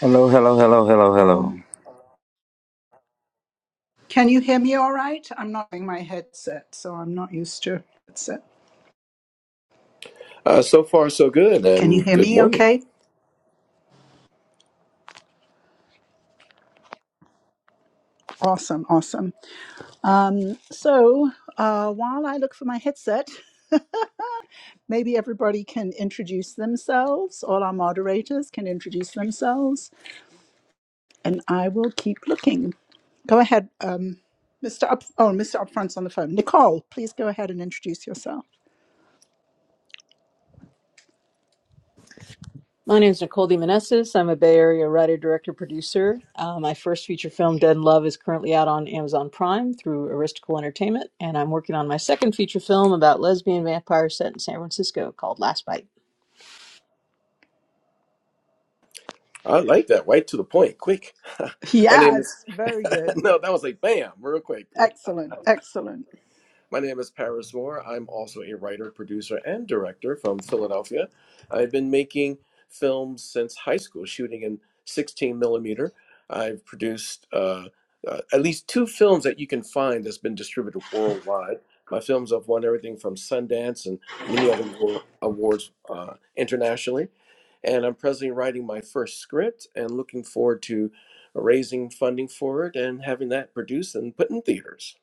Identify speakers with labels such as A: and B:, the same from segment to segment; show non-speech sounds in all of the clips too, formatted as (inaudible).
A: Hello, hello, hello, hello, hello.
B: Uh, so far, so good, and good morning.
C: My name is Nicole DeMonesis. I'm a Bay Area writer, director, producer. Uh, my first feature film, Dead in Love, is currently out on Amazon Prime through Aristocle Entertainment, and I'm working on my second feature film about lesbian vampires set in San Francisco called Last Bite.
B: I like that, right to the point, quick. (laughs) My name is, (laughs) no, that was like bam, real quick. right. My name is Paris Moore. I'm also a writer, producer, and director from Philadelphia. I've been making films since high school, shooting in 16 millimeter. I've produced uh, uh, at least two films that you can find that's been distributed worldwide. My films have won everything from Sundance and many other war- awards uh, internationally. and I'm presently writing my first script and looking forward to raising funding for it and having that produced and put in theaters.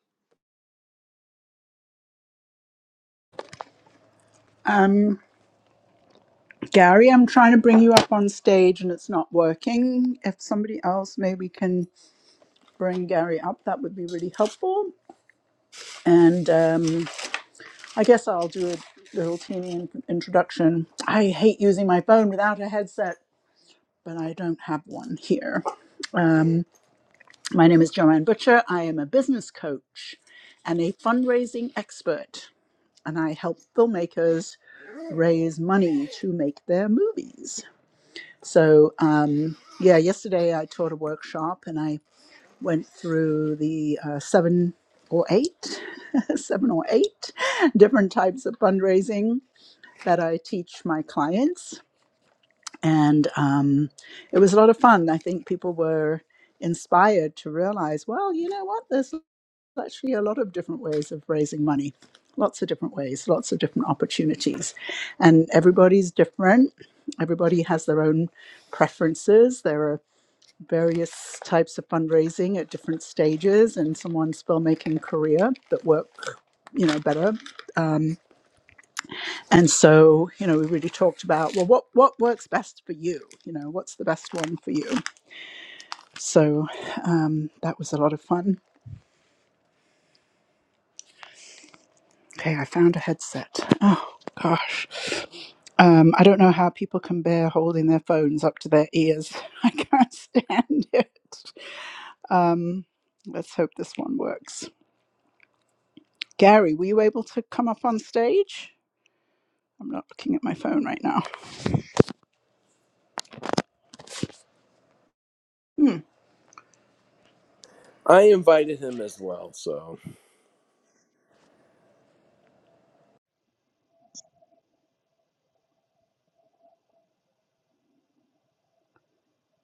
B: I invited him as well, so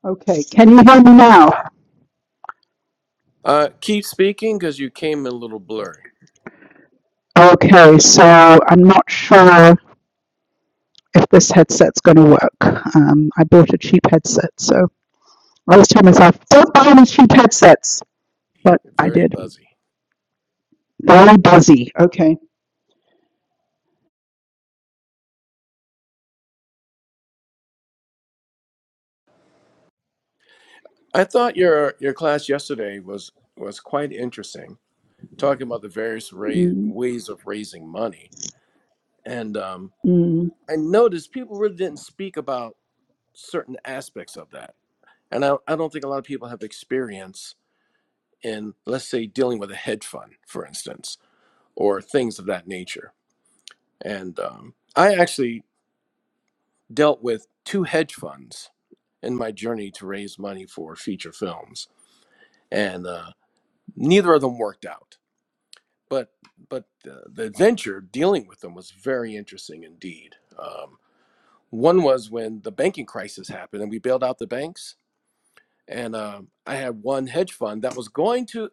D: Okay, can you hear me now?
B: uh, keep speaking because you came a little blurry,
D: Okay, so I'm not sure if this headset's going to work. Um, I bought a cheap headset, so I always tell myself, don't buy any cheap headsets, but I
B: very
D: did.
B: buzzy.
D: Very buzzy. Okay.
B: I thought your your class yesterday was was quite interesting, talking about the various ra-
D: Mm,
B: ways of raising money, and um,
D: mm.
B: I noticed people really didn't speak about certain aspects of that, and I, I don't think a lot of people have experience in, let's say, dealing with a hedge fund, for instance, or things of that nature. And um, I actually dealt with two hedge funds in my journey to raise money for feature films, and uh, neither of them worked out. But but the, the adventure dealing with them was very interesting indeed. Um, one was when the banking crisis happened, and we bailed out the banks. And um, I had one hedge fund that was going to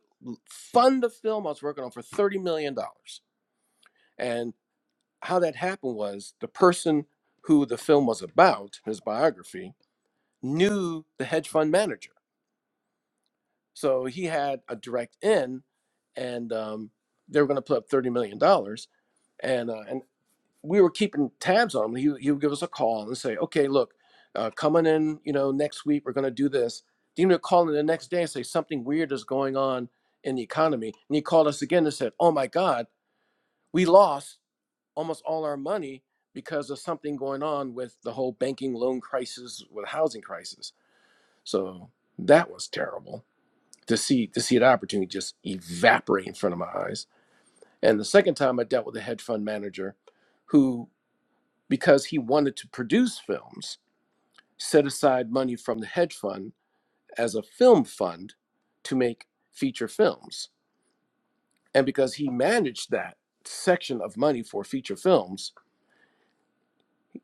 B: fund the film I was working on for thirty million dollars and how that happened was the person who the film was about, his biography, knew the hedge fund manager. So he had a direct in, and um, they were going to put up $30 million. dollars. And, uh, and we were keeping tabs on him. He, he would give us a call and say, okay, look, uh, coming in, you know, next week, we're going to do this. Then he would call in the next day and say something weird is going on in the economy. And he called us again and said, oh my God, we lost. almost all our money because of something going on with the whole banking loan crisis with housing crisis so that was terrible to see to see the opportunity just evaporate in front of my eyes and the second time i dealt with a hedge fund manager who because he wanted to produce films set aside money from the hedge fund as a film fund to make feature films and because he managed that section of money for feature films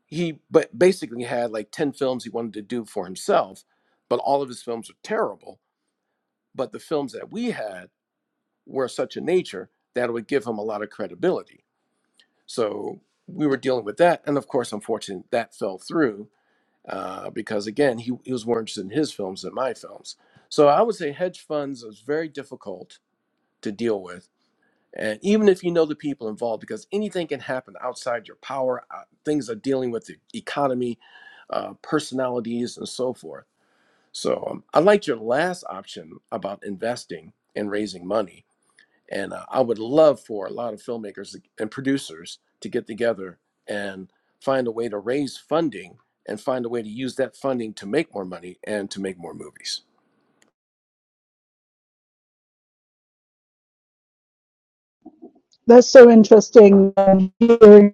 B: he but basically had like 10 films he wanted to do for himself but all of his films were terrible but the films that we had were of such a nature that it would give him a lot of credibility so we were dealing with that and of course unfortunately that fell through uh, because again he, he was more interested in his films than my films so i would say hedge funds is very difficult to deal with and even if you know the people involved, because anything can happen outside your power, uh, things are dealing with the economy, uh, personalities, and so forth. So um, I liked your last option about investing and raising money. And uh, I would love for a lot of filmmakers and producers to get together and find a way to raise funding and find a way to use that funding to make more money and to make more movies.
D: That's so interesting. Um, hearing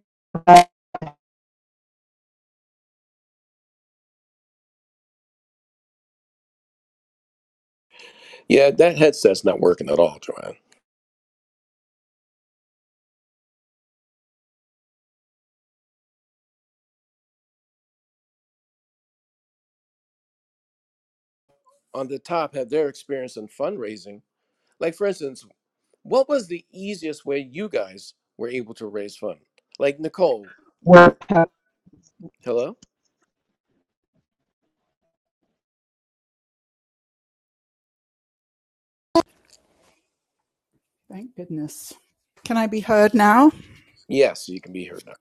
B: Yeah, that headset's not working at all, Joanne. On the top, have their experience in fundraising Like, for instance, what was the easiest way you guys were able to raise fund? Like, Nicole, hello? Yes, you can be heard now.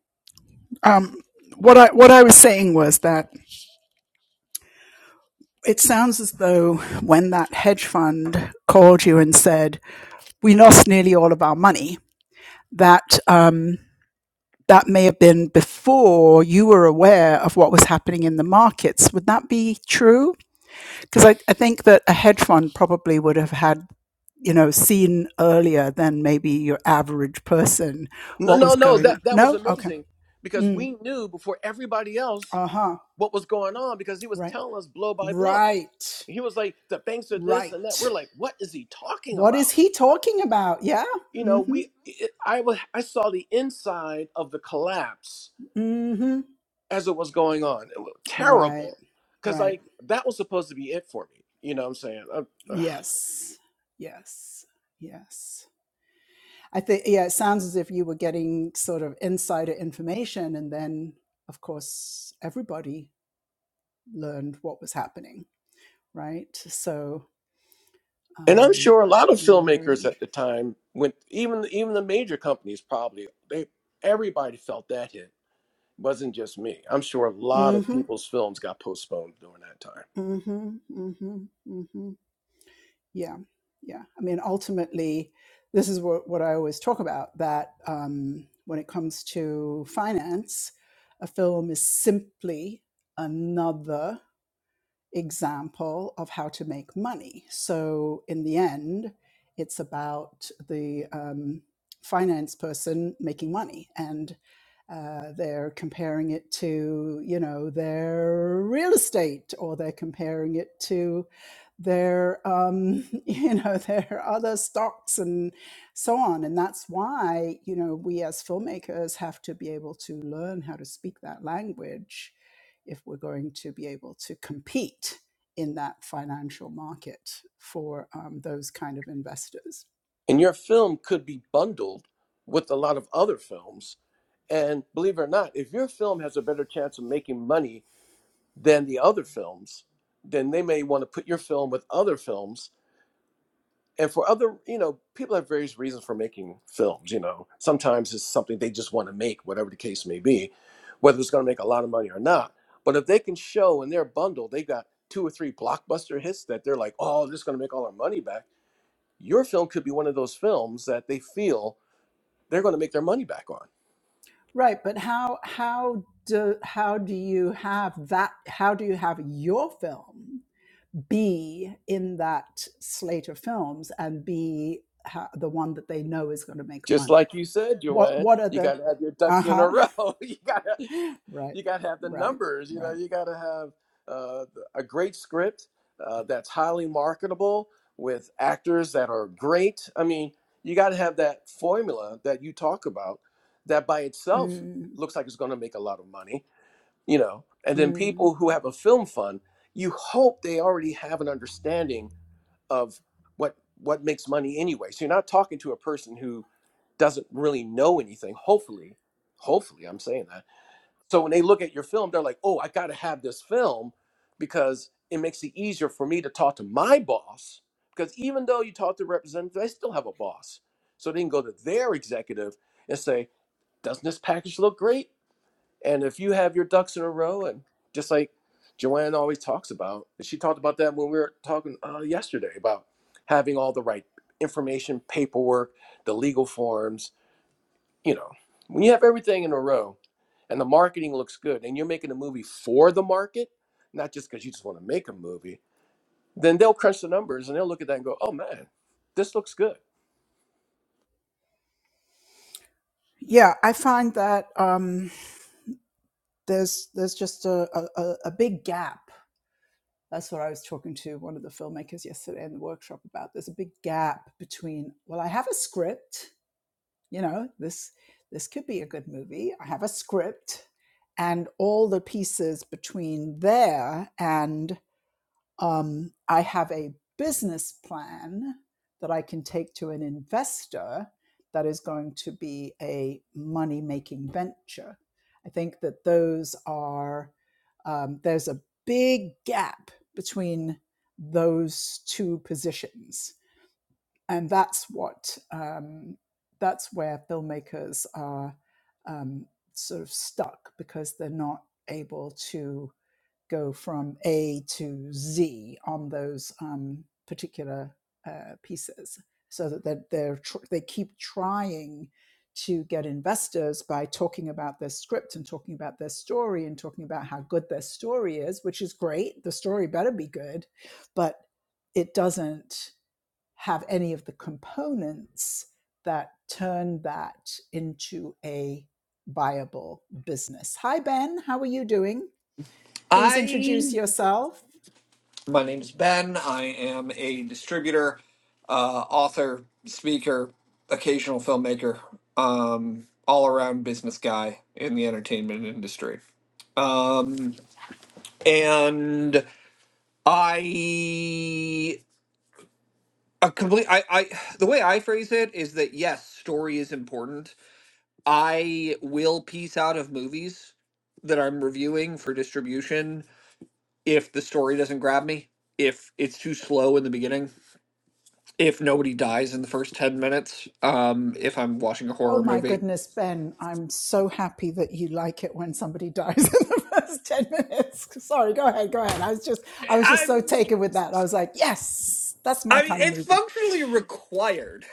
B: No, no, no, that, that was amazing because we knew before everybody else what was going on because he was telling us blow by blow. He was like, the banks are this and that. We're like, what is he talking about? You know, we, it, I, was, I saw the inside of the collapse as it was going on. It was terrible. Cause like that was supposed to be it for me. You know what I'm saying? And I'm sure a lot of filmmakers at the time, went even even the major companies probably, they everybody felt that hit. It wasn't just me. I'm sure a lot of people's films got postponed during that time. And your film could be bundled with a lot of other films. And believe it or not, if your film has a better chance of making money than the other films, then they may want to put your film with other films and for other you know people have various reasons for making films you know sometimes it's something they just want to make whatever the case may be whether it's going to make a lot of money or not but if they can show in their bundle they got two or three blockbuster hits that they're like oh this is going to make all our money back your film could be one of those films that they feel they're going to make their money back on Just like you said, Joanne, you got to have your ducks in a row. (laughs) you got to you got to have the numbers. You know, you got to have uh, a great script uh, that's highly marketable with actors that are great. I mean, you got to have that formula that you talk about that by itself looks like it's going to make a lot of money. You know, and then people who have a film fund, you hope they already have an understanding of what what makes money anyway. So you're not talking to a person who doesn't really know anything. Hopefully, hopefully, I'm saying that. So when they look at your film, they're like, "Oh, I got to have this film because it makes it easier for me to talk to my boss." Because even though you talk to representatives, they still have a boss. So they can go to their executive and say, "Doesn't this package look great?" And if you have your ducks in a row, and just like Joanne always talks about, she talked about that when we were talking uh, yesterday about having all the right information, paperwork, the legal forms. You know, when you have everything in a row and the marketing looks good and you're making a movie for the market, not just because you just want to make a movie, then they'll crunch the numbers and they'll look at that and go, oh man, this looks good.
E: I, my name's Ben. I am a distributor, uh, author, speaker, occasional filmmaker, um, all around business guy in the entertainment industry. Um, and I, a complete, I, I, the way I phrase it is that yes, story is important. I will piece out of movies that I'm reviewing for distribution if the story doesn't grab me, if it's too slow in the beginning, if nobody dies in the first 10 minutes, um, if I'm watching a horror movie. I I mean it's functionally required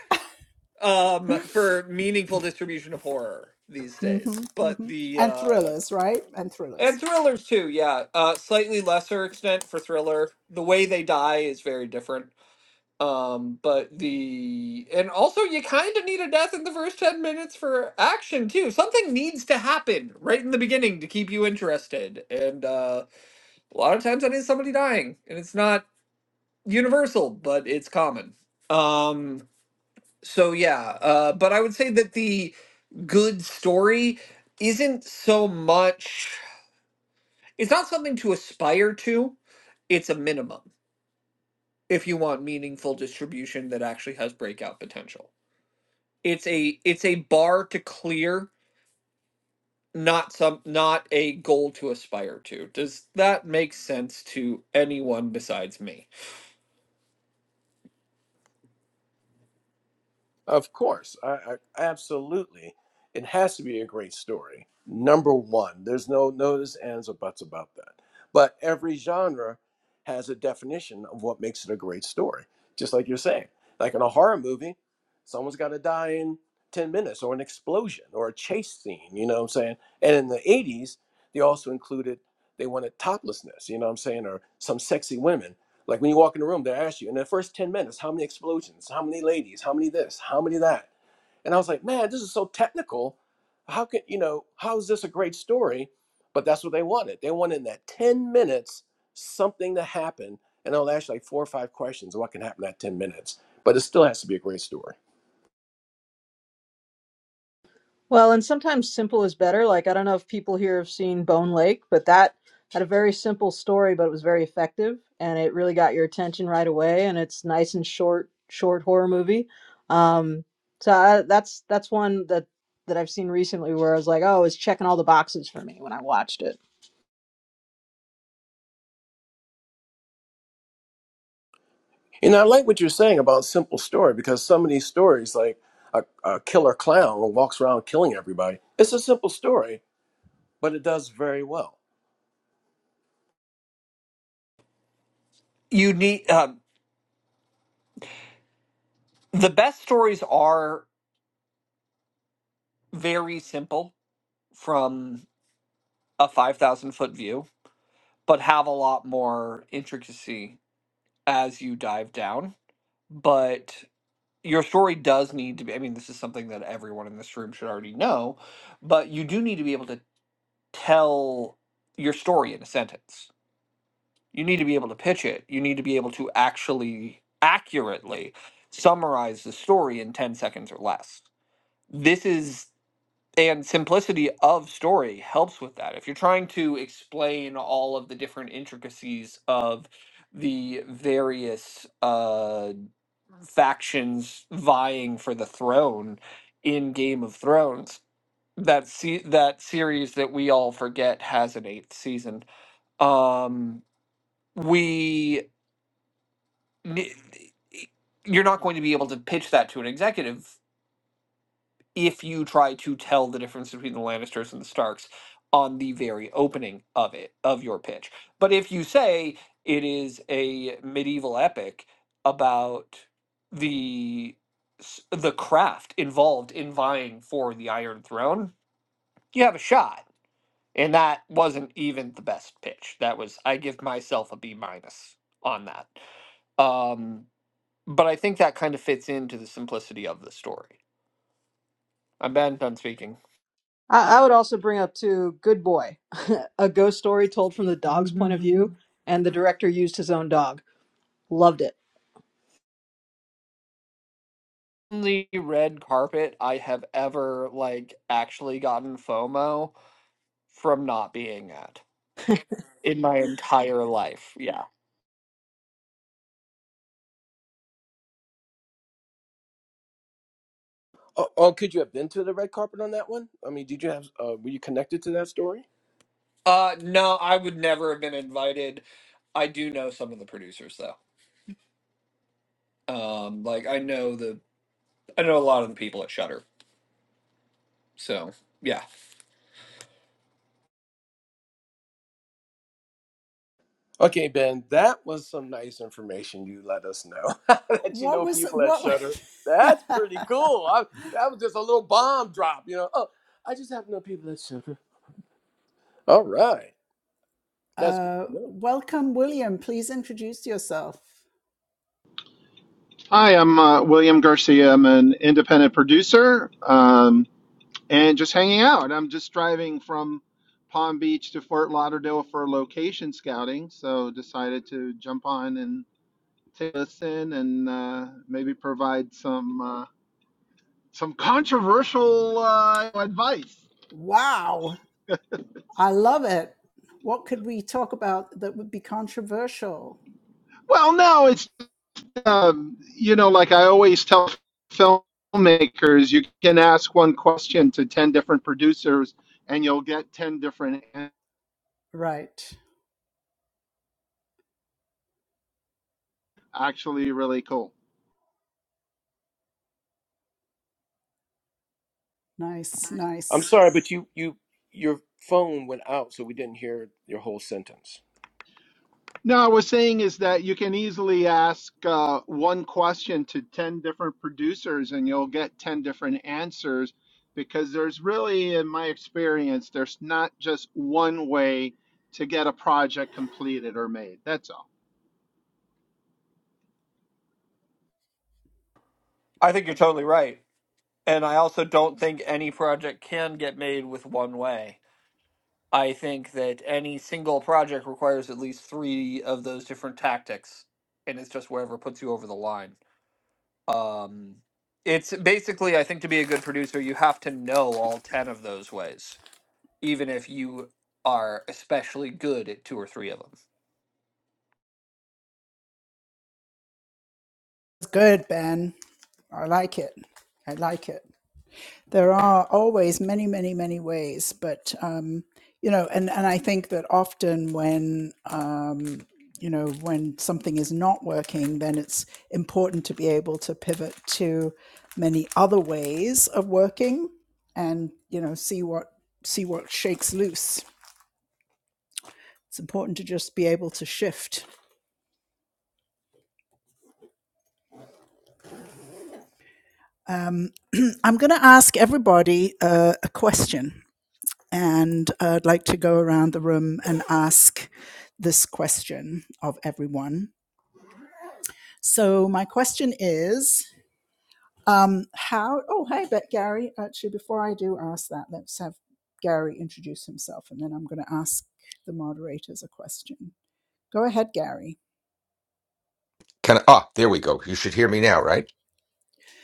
E: um for meaningful distribution of horror these days. But the uh and thrillers too, yeah. Uh slightly lesser extent for thriller. The way they die is very different Um, but the and also you kind of need a death in the first 10 minutes for action too. Something needs to happen right in the beginning to keep you interested. And uh a lot of times that is somebody dying, and it's not universal, but it's common. Um so yeah, uh but I would say that the good story isn't so much it's not something to aspire to. It's a minimum if you want meaningful distribution that actually has breakout potential. it's a it's a bar to clear not some not a goal to aspire to does that make sense to anyone besides me
B: Of course, I, I absolutely. It has to be a great story. Number one, there's no no ifs, ands, or buts about that. But every genre has a definition of what makes it a great story. Just like you're saying, like in a horror movie, someone's got to die in ten minutes, or an explosion, or a chase scene. You know what I'm saying? And in the '80s, they also included they wanted toplessness. You know what I'm saying, or some sexy women like when you walk in the room, they ask you in the first 10 minutes, how many explosions, how many ladies, how many this, how many that. And I was like, man, this is so technical. How can, you know, how is this a great story? But that's what they wanted. They wanted in that 10 minutes something to happen. And I'll ask you like four or five questions of what can happen in that 10 minutes. But it still has to be a great story.
C: Well, and sometimes simple is better. Like I don't know if people here have seen Bone Lake, but that had a very simple story, but it was very effective, and it really got your attention right away. And it's nice and short, short horror movie. Um, so I, that's that's one that that I've seen recently where I was like, oh, it's checking all the boxes for me when I watched it.
B: And I like what you're saying about simple story because some of these stories, like a, a killer clown who walks around killing everybody, it's a simple story, but it does very well
E: you need um, the best stories are very simple from a 5000 foot view but have a lot more intricacy as you dive down but your story does need to be i mean this is something that everyone in this room should already know but you do need to be able to tell your story in a sentence you need to be able to pitch it. You need to be able to actually accurately summarize the story in 10 seconds or less. This is and simplicity of story helps with that. If you're trying to explain all of the different intricacies of the various uh, factions vying for the throne in Game of Thrones, that se- that series that we all forget has an eighth season. Um, we n- you're not going to be able to pitch that to an executive if you try to tell the difference between the Lannisters and the Starks on the very opening of it of your pitch. But if you say it is a medieval epic about the s- the craft involved in vying for the Iron Throne, you have a shot. And that wasn't even the best pitch. That was I give myself a B minus on that. Um, but I think that kind of fits into the simplicity of the story. I'm bad done speaking.
C: I, I would also bring up too, Good Boy, (laughs) a ghost story told from the dog's point of view,
E: (laughs)
C: and the director used his own dog. Loved it.
E: The red carpet I have ever like actually gotten FOMO from not being at in my entire life. Yeah.
B: Oh, oh, could you have been to the red carpet on that one? I mean, did you have? Uh, were you connected to that story?
E: Uh no, I would never have been invited. I do know some of the producers though. Um like I know the I know a lot of the people at Shutter. So, yeah.
B: Okay, Ben, that was some nice information you let us know (laughs) that you know people at Shutter. That's pretty cool. I, that was just a little bomb drop, you know. Oh, I just have to know people at Shutter. All right, that's good to know.
F: Hi, I'm uh, William Garcia. I'm an independent producer um, and just hanging out. I'm just driving from Palm Beach to Fort Lauderdale for location scouting, so decided to jump on and take a listen and uh, maybe provide some uh, some controversial uh, advice. Well, no, it's um, you know, like I always tell filmmakers, you can ask one question to ten different producers, and you'll get ten different. answers. actually really cool.
B: I'm sorry, but you you your phone went out, so we didn't hear your whole sentence.
F: No, I was saying is that you can easily ask uh, one question to 10 different producers and you'll get 10 different answers because there's really, in my experience, there's not just one way to get a project completed or made. That's all.
E: I think you're totally right. And I also don't think any project can get made with one way. I think that any single project requires at least three of those different tactics, and it's just wherever puts you over the line. Um, it's basically, I think, to be a good producer, you have to know all 10 of those ways, even if you are especially good at two or three of them.
G: Can I, ah, there we go. You should hear me now, right?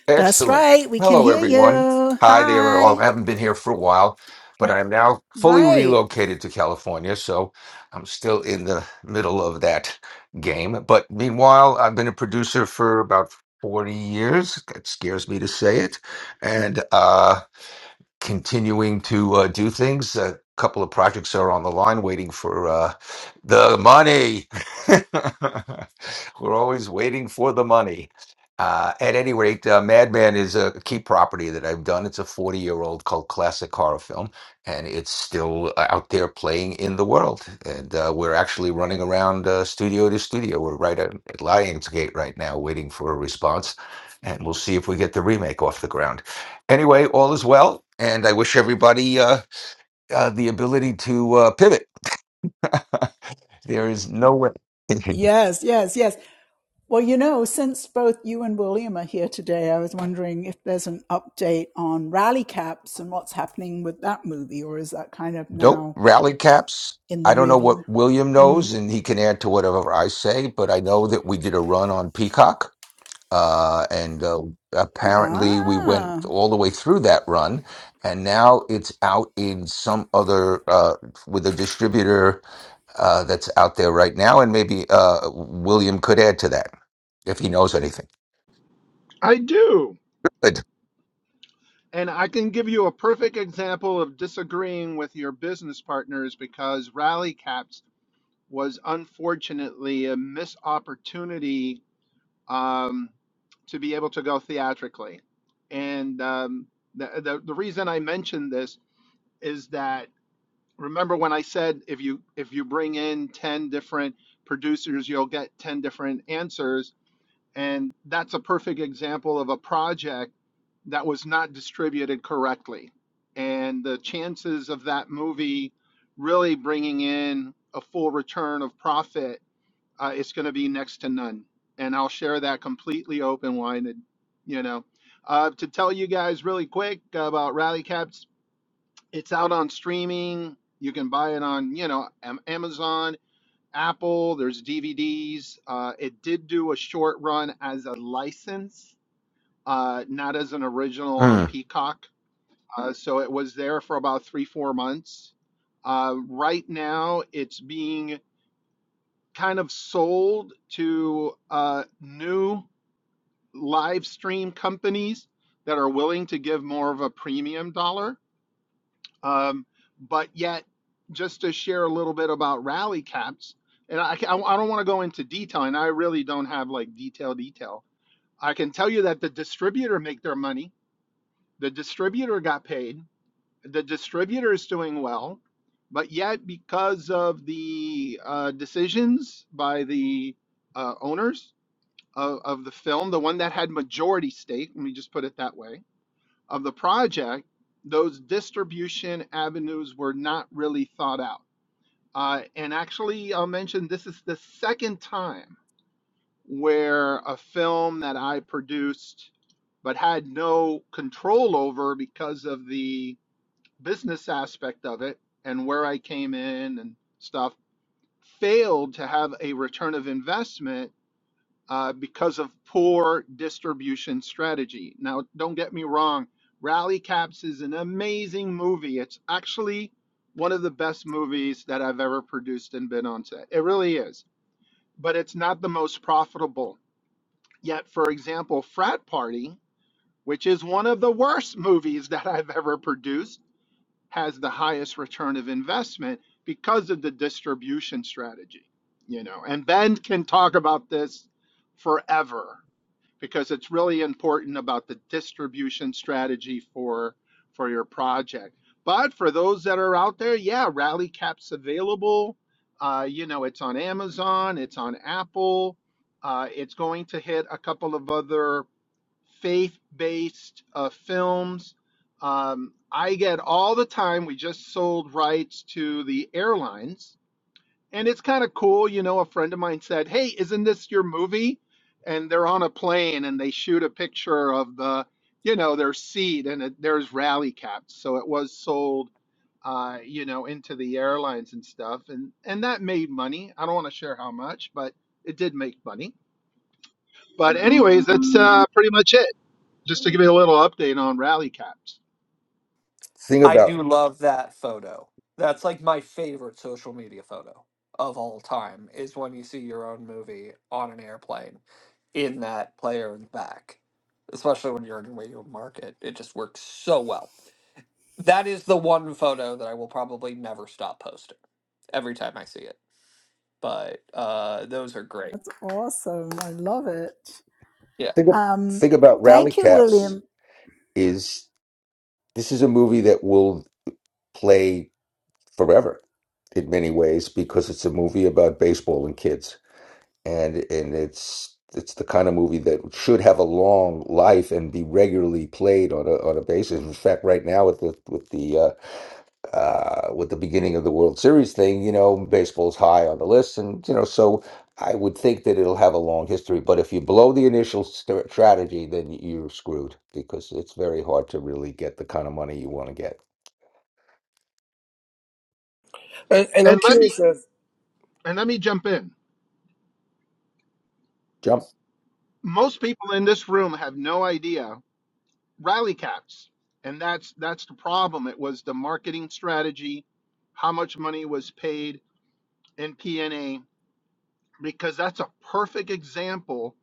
G: Excellent. Hello, everyone. Hi there. All I haven't been here for a while, but I am now fully relocated to California, so I'm still in the middle of that game. But meanwhile, I've been a producer for about 40 years. That scares me to say it, and uh, continuing to uh, do things. A couple of projects are on the line waiting for uh, the money. (laughs) We're always waiting for the money. Uh, at any rate, uh, Madman is a key property that I've done. It's a 40 year old cult classic horror film, and it's still uh, out there playing in the world. And uh, we're actually running around uh, studio to studio. We're right at, at Lionsgate right now, waiting for a response, and we'll see if we get the remake off the ground anyway, all is well, and I wish everybody uh, uh, the ability to uh, pivot. (laughs) there is no way. (laughs) nope. Rally caps. I don't know what William knows, and he can add to whatever I say, but I know that we did a run on Peacock. Uh, and uh, apparently, we went all the way through that run, and now it's out in some other uh, with a distributor uh, that's out there right now. And maybe uh, William could add to that if he knows anything.
F: I do. And I can give you a perfect example of disagreeing with your business partners because Rally Caps was unfortunately a missed opportunity um, to be able to go theatrically. And um, the, the the reason I mentioned this is that remember when I said if you if you bring in ten different producers, you'll get ten different answers, and that's a perfect example of a project that was not distributed correctly, and the chances of that movie really bringing in a full return of profit uh, it's going to be next to none. And I'll share that completely open winded, you know. Uh, to tell you guys really quick about Rally Caps, it's out on streaming. You can buy it on, you know, Am- Amazon, Apple. There's DVDs. Uh, it did do a short run as a license, uh, not as an original on
G: Mm.
F: Peacock. Uh, so it was there for about three, four months. Uh, right now, it's being kind of sold to uh, new live stream companies that are willing to give more of a premium dollar. Um, but yet, just to share a little bit about rally caps, and I, I don't want to go into detail, and I really don't have like detail detail. I can tell you that the distributor make their money. The distributor got paid. The distributor is doing well, but yet because of the uh, decisions by the uh, owners, of, of the film, the one that had majority stake, let me just put it that way, of the project, those distribution avenues were not really thought out. Uh, and actually, I'll mention this is the second time where a film that I produced but had no control over because of the business aspect of it and where I came in and stuff failed to have a return of investment uh, because of poor distribution strategy. Now, don't get me wrong, Rally Caps is an amazing movie. It's actually one of the best movies that I've ever produced and been on set. It really is, but it's not the most profitable. Yet, for example, Frat Party, which is one of the worst movies that I've ever produced, has the highest return of investment because of the distribution strategy. You know, and Ben can talk about this forever because it's really important about the distribution strategy for for your project. But for those that are out there, yeah, Rally Cap's available. Uh, you know, it's on Amazon, it's on Apple. Uh, it's going to hit a couple of other faith-based uh, films. Um, I get all the time. We just sold rights to the airlines and it's kind of cool. You know, a friend of mine said, "Hey, isn't this your movie?" And they're on a plane and they shoot a picture of the, you know, their seat and it, there's rally caps. So it was sold, uh, you know, into the airlines and stuff, and and that made money. I don't want to share how much, but it did make money. But anyways, that's uh, pretty much it. Just to give you a little update on rally caps.
G: Think
E: I
G: about
E: do love that photo. That's like my favorite social media photo of all time is when you see your own movie on an airplane in that player in the back. Especially when you're in a radio market. It just works so well. That is the one photo that I will probably never stop posting every time I see it. But uh those are great. Yeah.
G: think ab- think about Rally Caps. Is this is a movie that will play forever in many ways because it's a movie about baseball and kids, and and it's it's the kind of movie that should have a long life and be regularly played on a on a basis. In fact, right now with the with the uh, uh, with the beginning of the World Series thing, you know, baseball's high on the list, and you know, so I would think that it'll have a long history. But if you blow the initial st- strategy, then you're screwed because it's very hard to really get the kind of money you want to get.
B: And, and I'm
F: And let me
B: curious, as,
F: and let me jump in.
G: Jump.
F: Most people in this room have no idea rally caps and that's that's the problem it was the marketing strategy how much money was paid in pna because that's a perfect example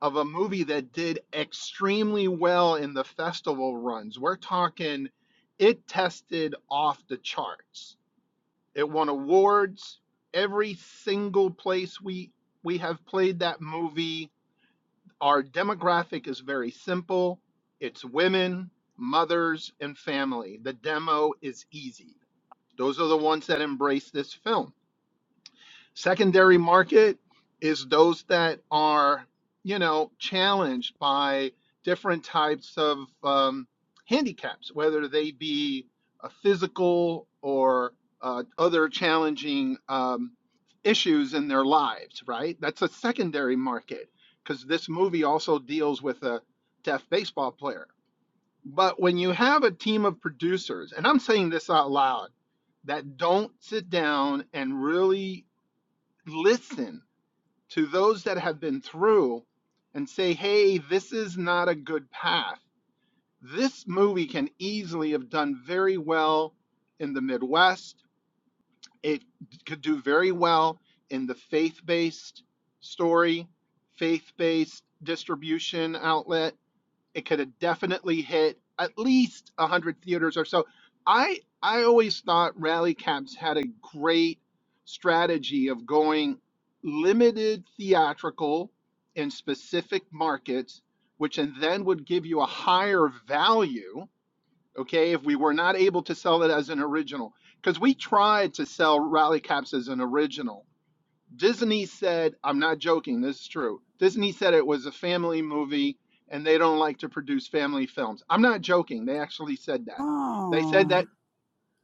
F: of a movie that did extremely well in the festival runs we're talking it tested off the charts it won awards every single place we we have played that movie our demographic is very simple it's women, mothers, and family. The demo is easy. Those are the ones that embrace this film. Secondary market is those that are, you know, challenged by different types of um, handicaps, whether they be a physical or uh, other challenging um, issues in their lives, right? That's a secondary market because this movie also deals with a deaf baseball player. But when you have a team of producers, and I'm saying this out loud, that don't sit down and really listen to those that have been through and say, hey, this is not a good path. This movie can easily have done very well in the Midwest. It could do very well in the faith based story, faith based distribution outlet it could have definitely hit at least 100 theaters or so i i always thought rally caps had a great strategy of going limited theatrical in specific markets which and then would give you a higher value okay if we were not able to sell it as an original because we tried to sell rally caps as an original Disney said, I'm not joking, this is true. Disney said it was a family movie and they don't like to produce family films. I'm not joking. They actually said that. They said that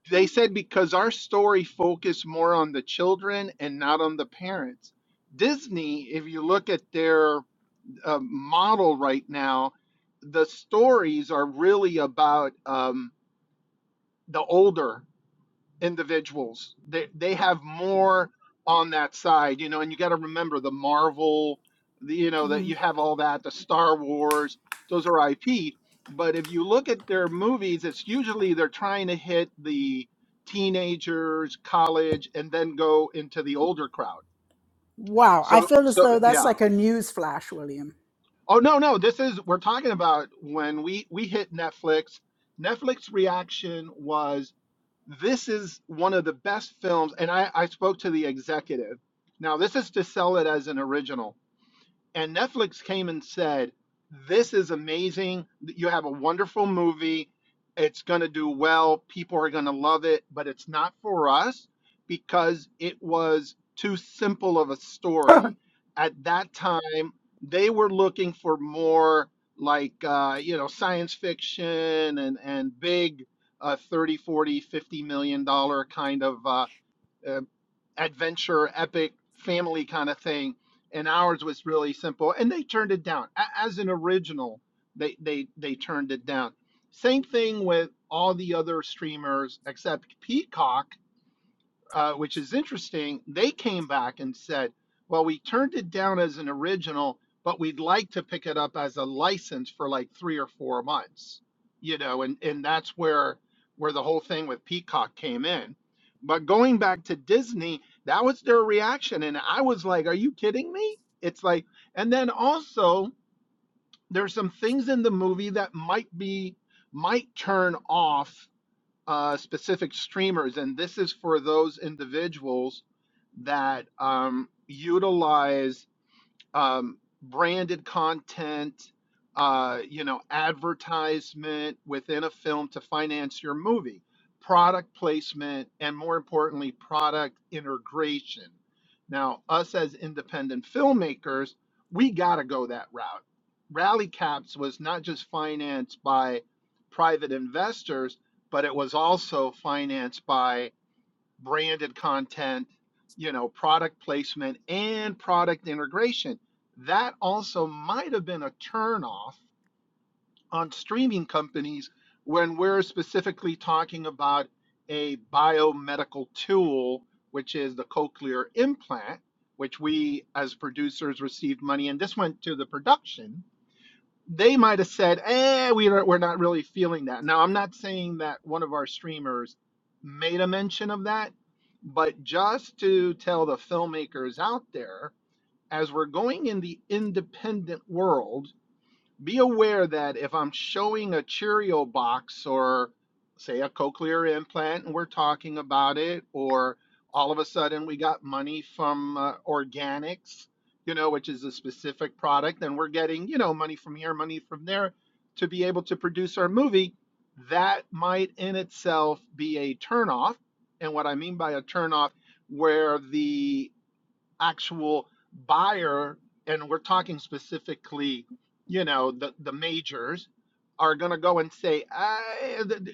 F: they said because our story focused more on the children and not on the parents. Disney, if you look at their uh, model right now, the stories are really about um, the older individuals. They they have more on that side, you know, and you got to remember the Marvel, the, you know, that you have all that, the Star Wars, those are IP. But if you look at their movies, it's usually they're trying to hit the teenagers, college, and then go into the older crowd. So so yeah. Oh no, no, this is we're talking about when we we hit Netflix. Netflix reaction was this is one of the best films and I, I spoke to the executive now this is to sell it as an original and Netflix came and said, This is amazing. You have a wonderful movie. It's going to do well. People are going to love it, but it's not for us because it was too simple of a story. At that time, they were looking for more like, uh, you know, science fiction and, and big uh, 30, forty, fifty million dollar kind of uh, uh, adventure, epic, family kind of thing. And ours was really simple. And they turned it down. As an original, they they they turned it down. Same thing with all the other streamers except Peacock uh, which is interesting, they came back and said, well, we turned it down as an original, but we'd like to pick it up as a license for like three or four months, you know, and, and that's where where the whole thing with Peacock came in. But going back to Disney, that was their reaction. And I was like, are you kidding me? It's like, and then also there's some things in the movie that might be, might turn off uh, specific streamers, and this is for those individuals that um, utilize um, branded content, uh, you know, advertisement within a film to finance your movie, product placement, and more importantly, product integration. Now, us as independent filmmakers, we got to go that route. Rally Caps was not just financed by private investors, but it was also financed by branded content, you know, product placement and product integration. That also might have been a turnoff on streaming companies when we're specifically talking about a biomedical tool, which is the cochlear implant, which we as producers received money and this went to the production they might have said, "Eh, we are, we're not really feeling that." Now, I'm not saying that one of our streamers made a mention of that, but just to tell the filmmakers out there, as we're going in the independent world be aware that if I'm showing a Cheerio box or say a cochlear implant and we're talking about it, or all of a sudden we got money from uh, organics, you know, which is a specific product, and we're getting, you know, money from here, money from there to be able to produce our movie, that might in itself be a turnoff. And what I mean by a turnoff, where the actual buyer, and we're talking specifically, you know, the, the majors are going to go and say, "Ah,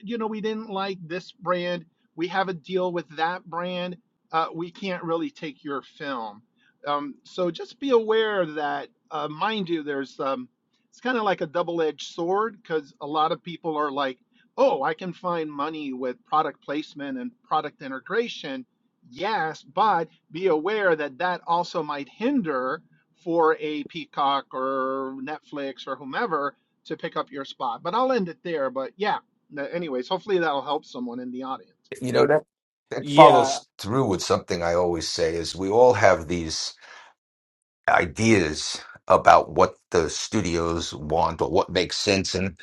F: you know, we didn't like this brand. We have a deal with that brand. Uh, we can't really take your film. Um, so just be aware that, uh, mind you, there's, um, it's kind of like a double edged sword because a lot of people are like, oh, I can find money with product placement and product integration. Yes, but be aware that that also might hinder for a Peacock or Netflix or whomever to pick up your spot. But I'll end it there. But yeah, no- anyways, hopefully that'll help someone in the audience.
G: You know that that
E: Yeah,
G: follows through with something I always say is we all have these. ideas about what the studios want or what makes sense and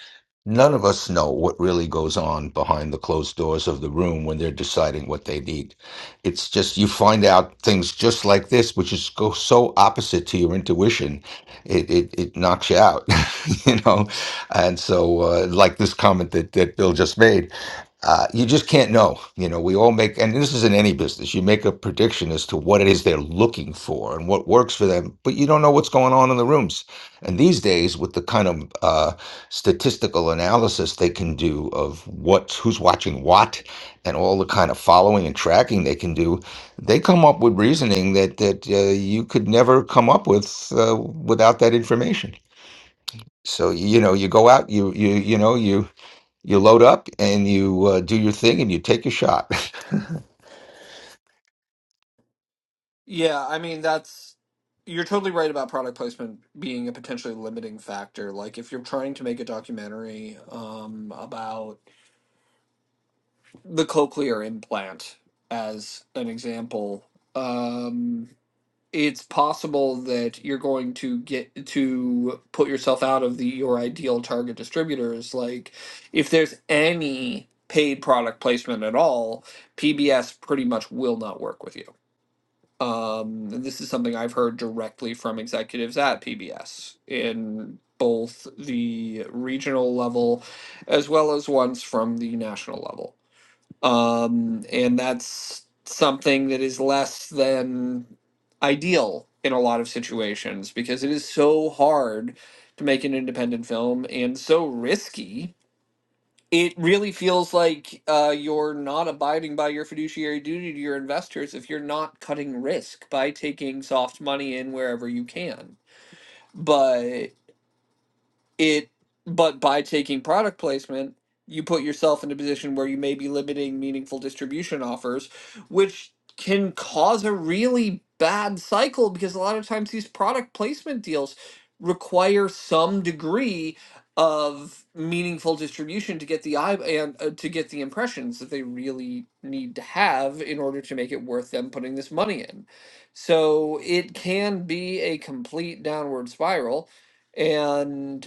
G: none of us know what really goes on behind the closed doors of the room when they're deciding what they need it's just you find out things just like this which is go so opposite to your intuition it it, it knocks you out (laughs) you know and so uh, like this comment that, that bill just made uh, you just can't know. You know, we all make, and this is in any business, you make a prediction as to what it is they're looking for and what works for them, but you don't know what's going on in the rooms. And these days, with the kind of uh, statistical analysis they can do of what who's watching what, and all the kind of following and tracking they can do, they come up with reasoning that that uh, you could never come up with uh, without that information. So you know, you go out, you you you know, you you load up and you uh, do your thing and you take your shot. (laughs)
E: Yeah, I mean that's you're totally right about product placement being a potentially limiting factor. Like if you're trying to make a documentary um, about the cochlear implant as an example, um, it's possible that you're going to get to put yourself out of the your ideal target distributors. Like if there's any paid product placement at all, PBS pretty much will not work with you um, and this is something I've heard directly from executives at PBS in both the regional level as well as ones from the national level. Um, and that's something that is less than ideal in a lot of situations because it is so hard to make an independent film and so risky it really feels like uh, you're not abiding by your fiduciary duty to your investors if you're not cutting risk by taking soft money in wherever you can. But it but by taking product placement you put yourself in a position where you may be limiting meaningful distribution offers which can cause a really bad cycle because a lot of times these product placement deals require some degree of meaningful distribution to get the eye and uh, to get the impressions that they really need to have in order to make it worth them putting this money in so it can be a complete downward spiral and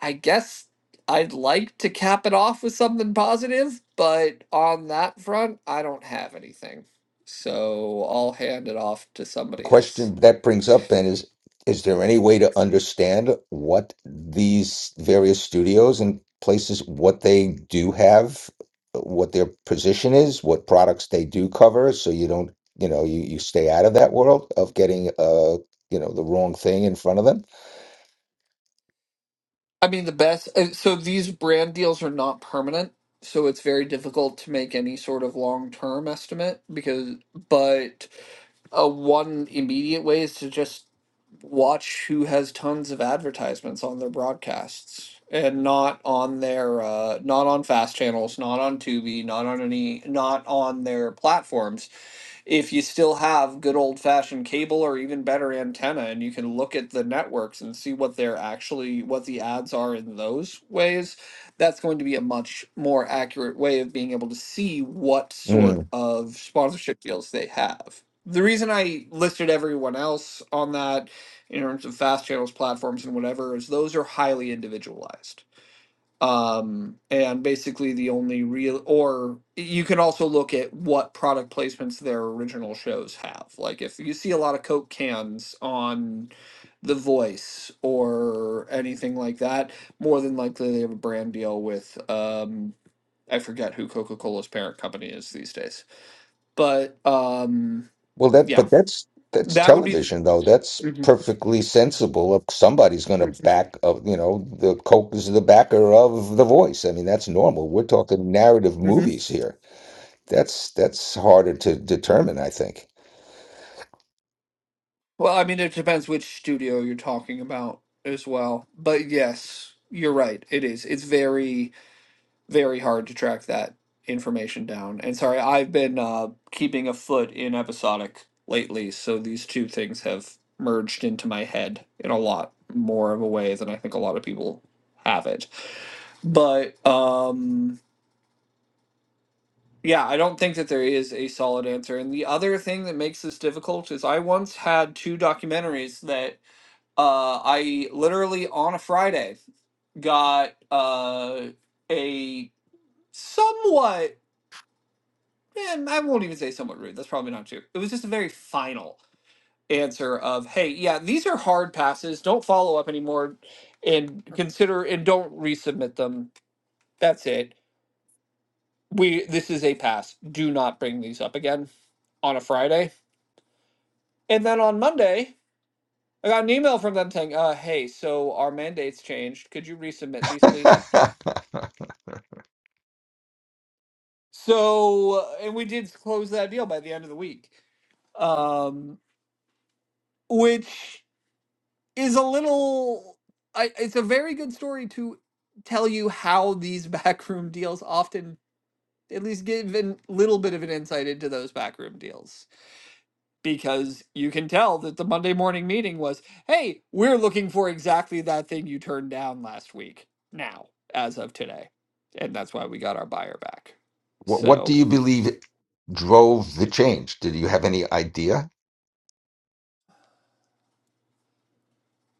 E: I guess I'd like to cap it off with something positive, but on that front, I don't have anything. So I'll hand it off to
G: The
E: somebody else.
G: question that brings up then is: Is there any way to understand what these various studios and places what they do have, what their position is, what products they do cover, so you don't, you know, you, you stay out of that world of getting, uh, you know, the wrong thing in front of them.
E: I mean, the best. uh, So these brand deals are not permanent. So it's very difficult to make any sort of long term estimate because, but a one immediate way is to just watch who has tons of advertisements on their broadcasts and not on their uh, not on fast channels, not on Tubi, not on any, not on their platforms if you still have good old fashioned cable or even better antenna and you can look at the networks and see what they're actually what the ads are in those ways that's going to be a much more accurate way of being able to see what
G: Hmm.
E: sort of sponsorship deals they have the reason i listed everyone else on that in terms of fast channels platforms and whatever is those are highly individualized um and basically the only real or you can also look at what product placements their original shows have like if you see a lot of coke cans on the voice or anything like that more than likely they have a brand deal with um i forget who coca-cola's parent company is these days but um
G: Well, that
E: yeah
G: but that's that's
E: that would be
G: television though. That's perfectly sensible. If somebody's going to back of you know the Coke is the backer of The Voice. I mean, that's normal. We're talking narrative
E: Mhm.
G: movies here. That's that's harder to determine, I think.
E: Well, I mean, it depends which studio you're talking about as well. But yes, you're right. It is. It's very, very hard to track that information down. And sorry, I've been uh, keeping a foot in episodic lately, so these two things have merged into my head in a lot more of a way than I think a lot of people have it. But um, yeah, I don't think that there is a solid answer. And the other thing that makes this difficult is I once had two documentaries that Uh, I literally on a Friday got uh, a somewhat, eh, I won't even say somewhat rude. That's probably not true. It was just a very final answer of, hey, yeah, these are hard passes. Don't follow up anymore, and consider and don't resubmit them. That's it. We this is a pass. Do not bring these up again on a Friday. And then on Monday, I got an email from them saying, uh, hey, so our mandates changed. Could you resubmit these,
G: (laughs)
E: please?
G: what
E: So, uh, and we did close that deal by the end of the week, um, which is a little. I, it's a very good story to tell you how these (laughs) backroom deals often, at least, give a little bit of an insight into those backroom deals because you can tell that the Monday morning meeting was, "Hey, we're looking for exactly that thing you turned down last week." Now, as of today, and that's why we got our buyer back.
G: what do
E: So,
G: you believe drove the change? Did you have any idea?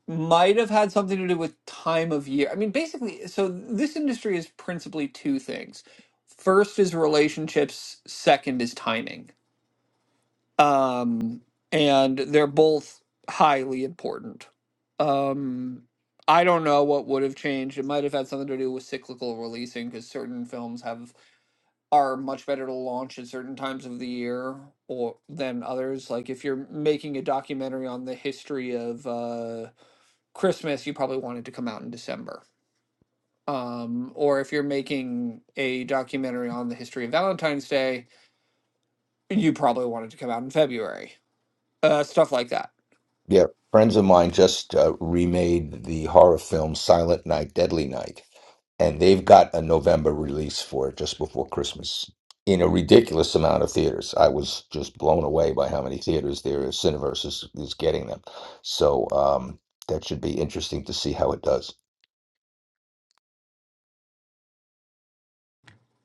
E: might have had something to do with time of year. I mean, basically, so this industry is principally two things. First is relationships, second is timing. Um, and they're both highly important. Um, I don't know what would have changed. It might have had something to do with cyclical releasing because certain films have are much better to launch at certain times of the year or than others. Like if you're making a documentary on the history of uh Christmas, you probably want it to come out in December. Um, or if you're making a documentary on the history of Valentine's Day, you probably want it to come out in February. Uh, stuff like that.
G: Yeah, friends of mine just uh, remade the horror film Silent Night, Deadly Night, and they've got a November release for it just before Christmas in a ridiculous amount of theaters. I was just blown away by how many theaters there is. Cineverse is, is getting them. So um, that should be interesting to see how it does.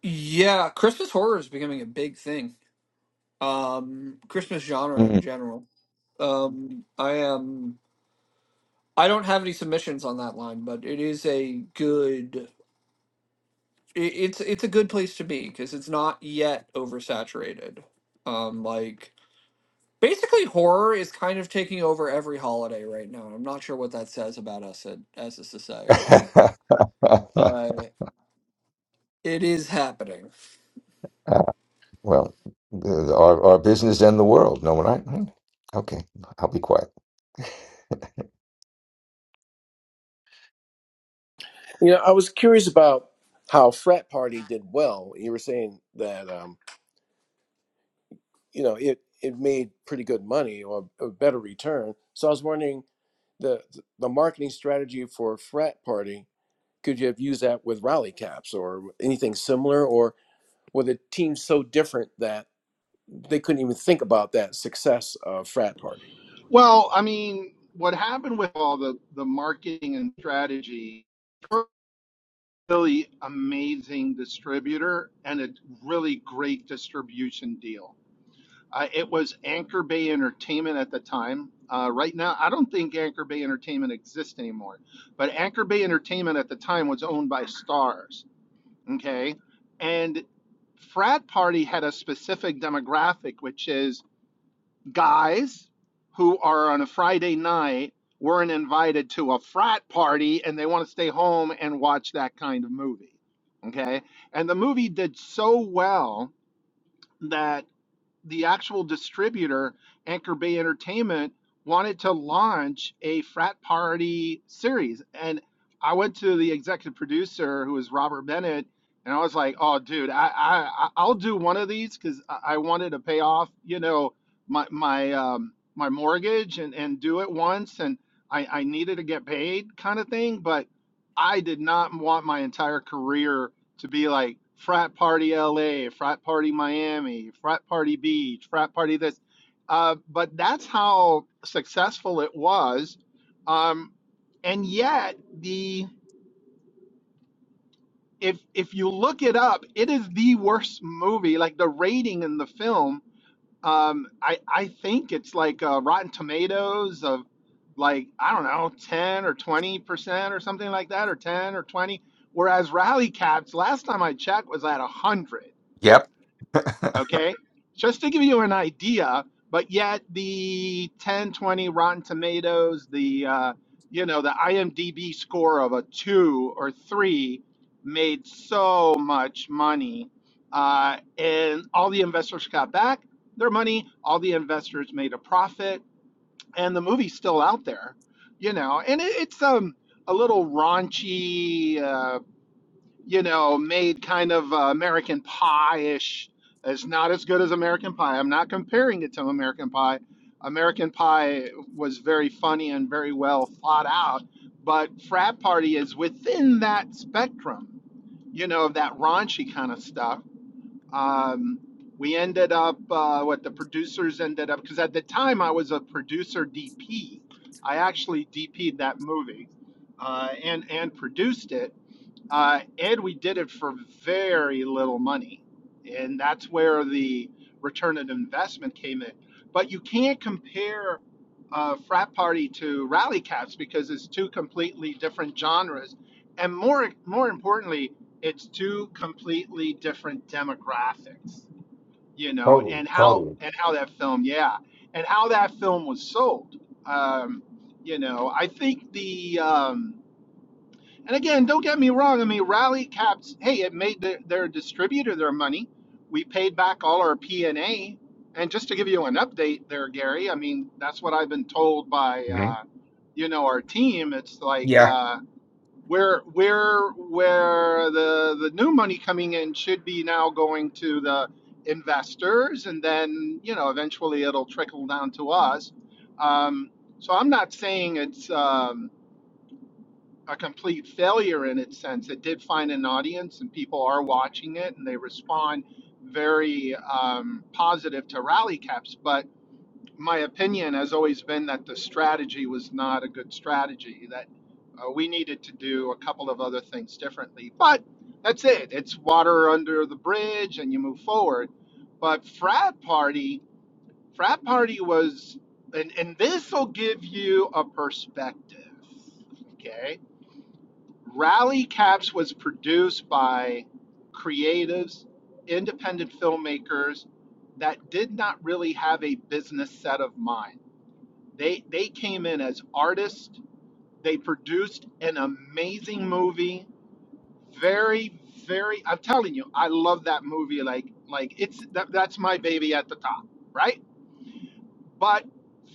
E: Yeah, Christmas horror is becoming a big thing. Um, Christmas genre in
G: Mm.
E: general. Um, I am. I don't have any submissions on that line, but it is a good. i- It's it's a good place to be because it's not yet oversaturated. Um, like Basically, horror is kind of taking over every holiday right now. I'm not sure what that says about us at, as a society,
G: (laughs)
E: but it is happening.
G: well, the, the- our, our business and the world. No, what I? Okay, I'll be quiet.
B: you know, I was curious about how frat party did well. You were saying that. Um, you know it it made pretty good money or a better return so i was wondering the the marketing strategy for frat party could you have used that with rally caps or anything similar or were the teams so different that they couldn't even think about that success of frat party
F: Well, I mean, what happened with all the, the marketing and strategy, we're a really amazing distributor and a really great distribution deal. Uh, it was Anchor Bay Entertainment at the time. Uh, right now, I don't think Anchor Bay Entertainment exists anymore, but Anchor Bay Entertainment at the time was owned by Stars. Okay. And Frat Party had a specific demographic, which is guys who are on a Friday night weren't invited to a frat party and they want to stay home and watch that kind of movie. Okay. And the movie did so well that the actual distributor, Anchor Bay Entertainment, wanted to launch a frat party series. And I went to the executive producer, who was Robert Bennett, and I was like, "Oh, dude, I, I I- will do one of these because I I wanted to pay off, you know, my my um, my mortgage and and do it once, and I I needed to get paid, kind of thing." But I did not want my entire career to be like frat party LA, frat party Miami, frat party beach, frat party this. Uh, but that's how successful it was. Um, and yet the if if you look it up, it is the worst movie. Like the rating in the film, um, I I think it's like uh, Rotten Tomatoes of like I don't know, ten or twenty percent or something like that, or ten or twenty. Whereas Rally Cats, last time I checked, was at a hundred
G: Yep.
F: okay just to give you an idea but yet the 10 20 rotten tomatoes the uh, you know the imdb score of a two or three made so much money uh, and all the investors got back their money all the investors made a profit and the movie's still out there you know and it, it's um a little raunchy uh, you know, made kind of uh, American Pie-ish. It's not as good as American Pie. I'm not comparing it to American Pie. American Pie was very funny and very well thought out, but Frat Party is within that spectrum, you know, of that raunchy kind of stuff. Um, we ended up, uh, what the producers ended up, because at the time I was a producer DP. I actually DP'd that movie uh, and and produced it uh, and we did it for very little money. And that's where the return on investment came in. But you can't compare uh, frat party to rally caps because it's two completely different genres. And more, more importantly, it's two completely different demographics, you
G: (laughs)
F: know,
G: totally,
F: and how,
G: totally.
F: and how that film, yeah, and how that film was sold. Um, you know, I think the, um, and again, don't get me wrong. I mean, Rally Caps, hey, it made their, their distributor their money. We paid back all our P&A. And A. And just to give you an update there, Gary, I mean, that's what I've been told by, uh, you know, our team. It's like
G: Yeah,
F: uh, where where where the the new money coming in should be now going to the investors, and then you know, eventually it'll trickle down to us. Um, so I'm not saying it's. Um, a complete failure in its sense. It did find an audience, and people are watching it, and they respond very um, positive to rally caps. But my opinion has always been that the strategy was not a good strategy. That uh, we needed to do a couple of other things differently. But that's it. It's water under the bridge, and you move forward. But frat party, frat party was, and and this will give you a perspective. Okay Rally Caps was produced by creatives, independent filmmakers that did not really have a business set of mind. They they came in as artists. They produced an amazing movie. Very very I'm telling you, I love that movie like like it's that, that's my baby at the top, right? But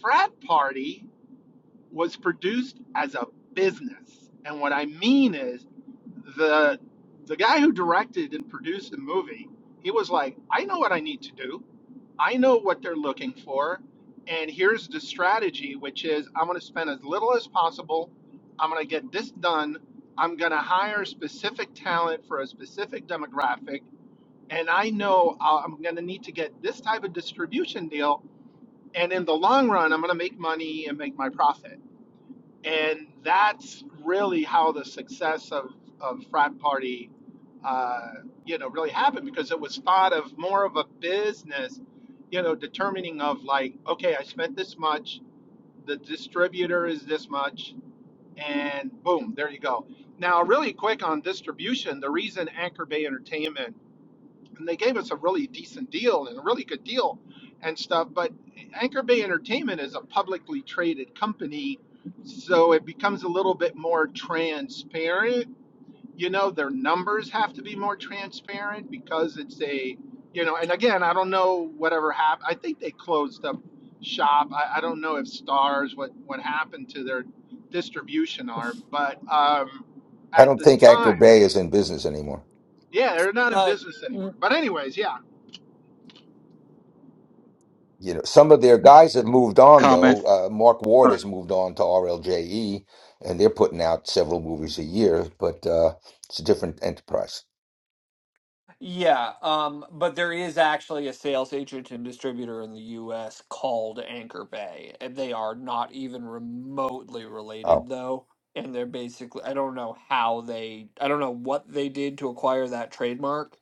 F: Frat Party was produced as a business. And what I mean is the the guy who directed and produced the movie, he was like, I know what I need to do. I know what they're looking for, and here's the strategy, which is I'm going to spend as little as possible. I'm going to get this done. I'm going to hire specific talent for a specific demographic, and I know I'll- I'm going to need to get this type of distribution deal. And in the long run, I'm going to make money and make my profit and that's really how the success of, of frat party uh, you know really happened because it was thought of more of a business you know determining of like okay i spent this much the distributor is this much and boom there you go now really quick on distribution the reason anchor bay entertainment and they gave us a really decent deal and a really good deal and stuff. But Anchor Bay Entertainment is a publicly traded company, so it becomes a little bit more transparent. You know, their numbers have to be more transparent because it's a, you know, and again, I don't know whatever happened. I think they closed up shop. I, I don't know if Stars what what happened to their distribution arm, but um,
G: I
F: at
G: don't
F: the
G: think Anchor
F: time,
G: Bay is in business anymore.
F: yeah, they're not in
E: Uh,
F: business anymore.
E: n-
F: But anyways, yeah.
G: You know, some of their guys have moved on
H: comment.
G: though. Uh, Mark Ward has moved on to RLJE, and they're putting out several movies a year, but uh, it's a different enterprise.
E: yeah, um, but there is actually a sales agent and distributor in the U.S. called Anchor Bay, and they are not even remotely related,
G: Oh
E: though. And they're basically, I don't know how they, I don't know what they did to acquire that trademark,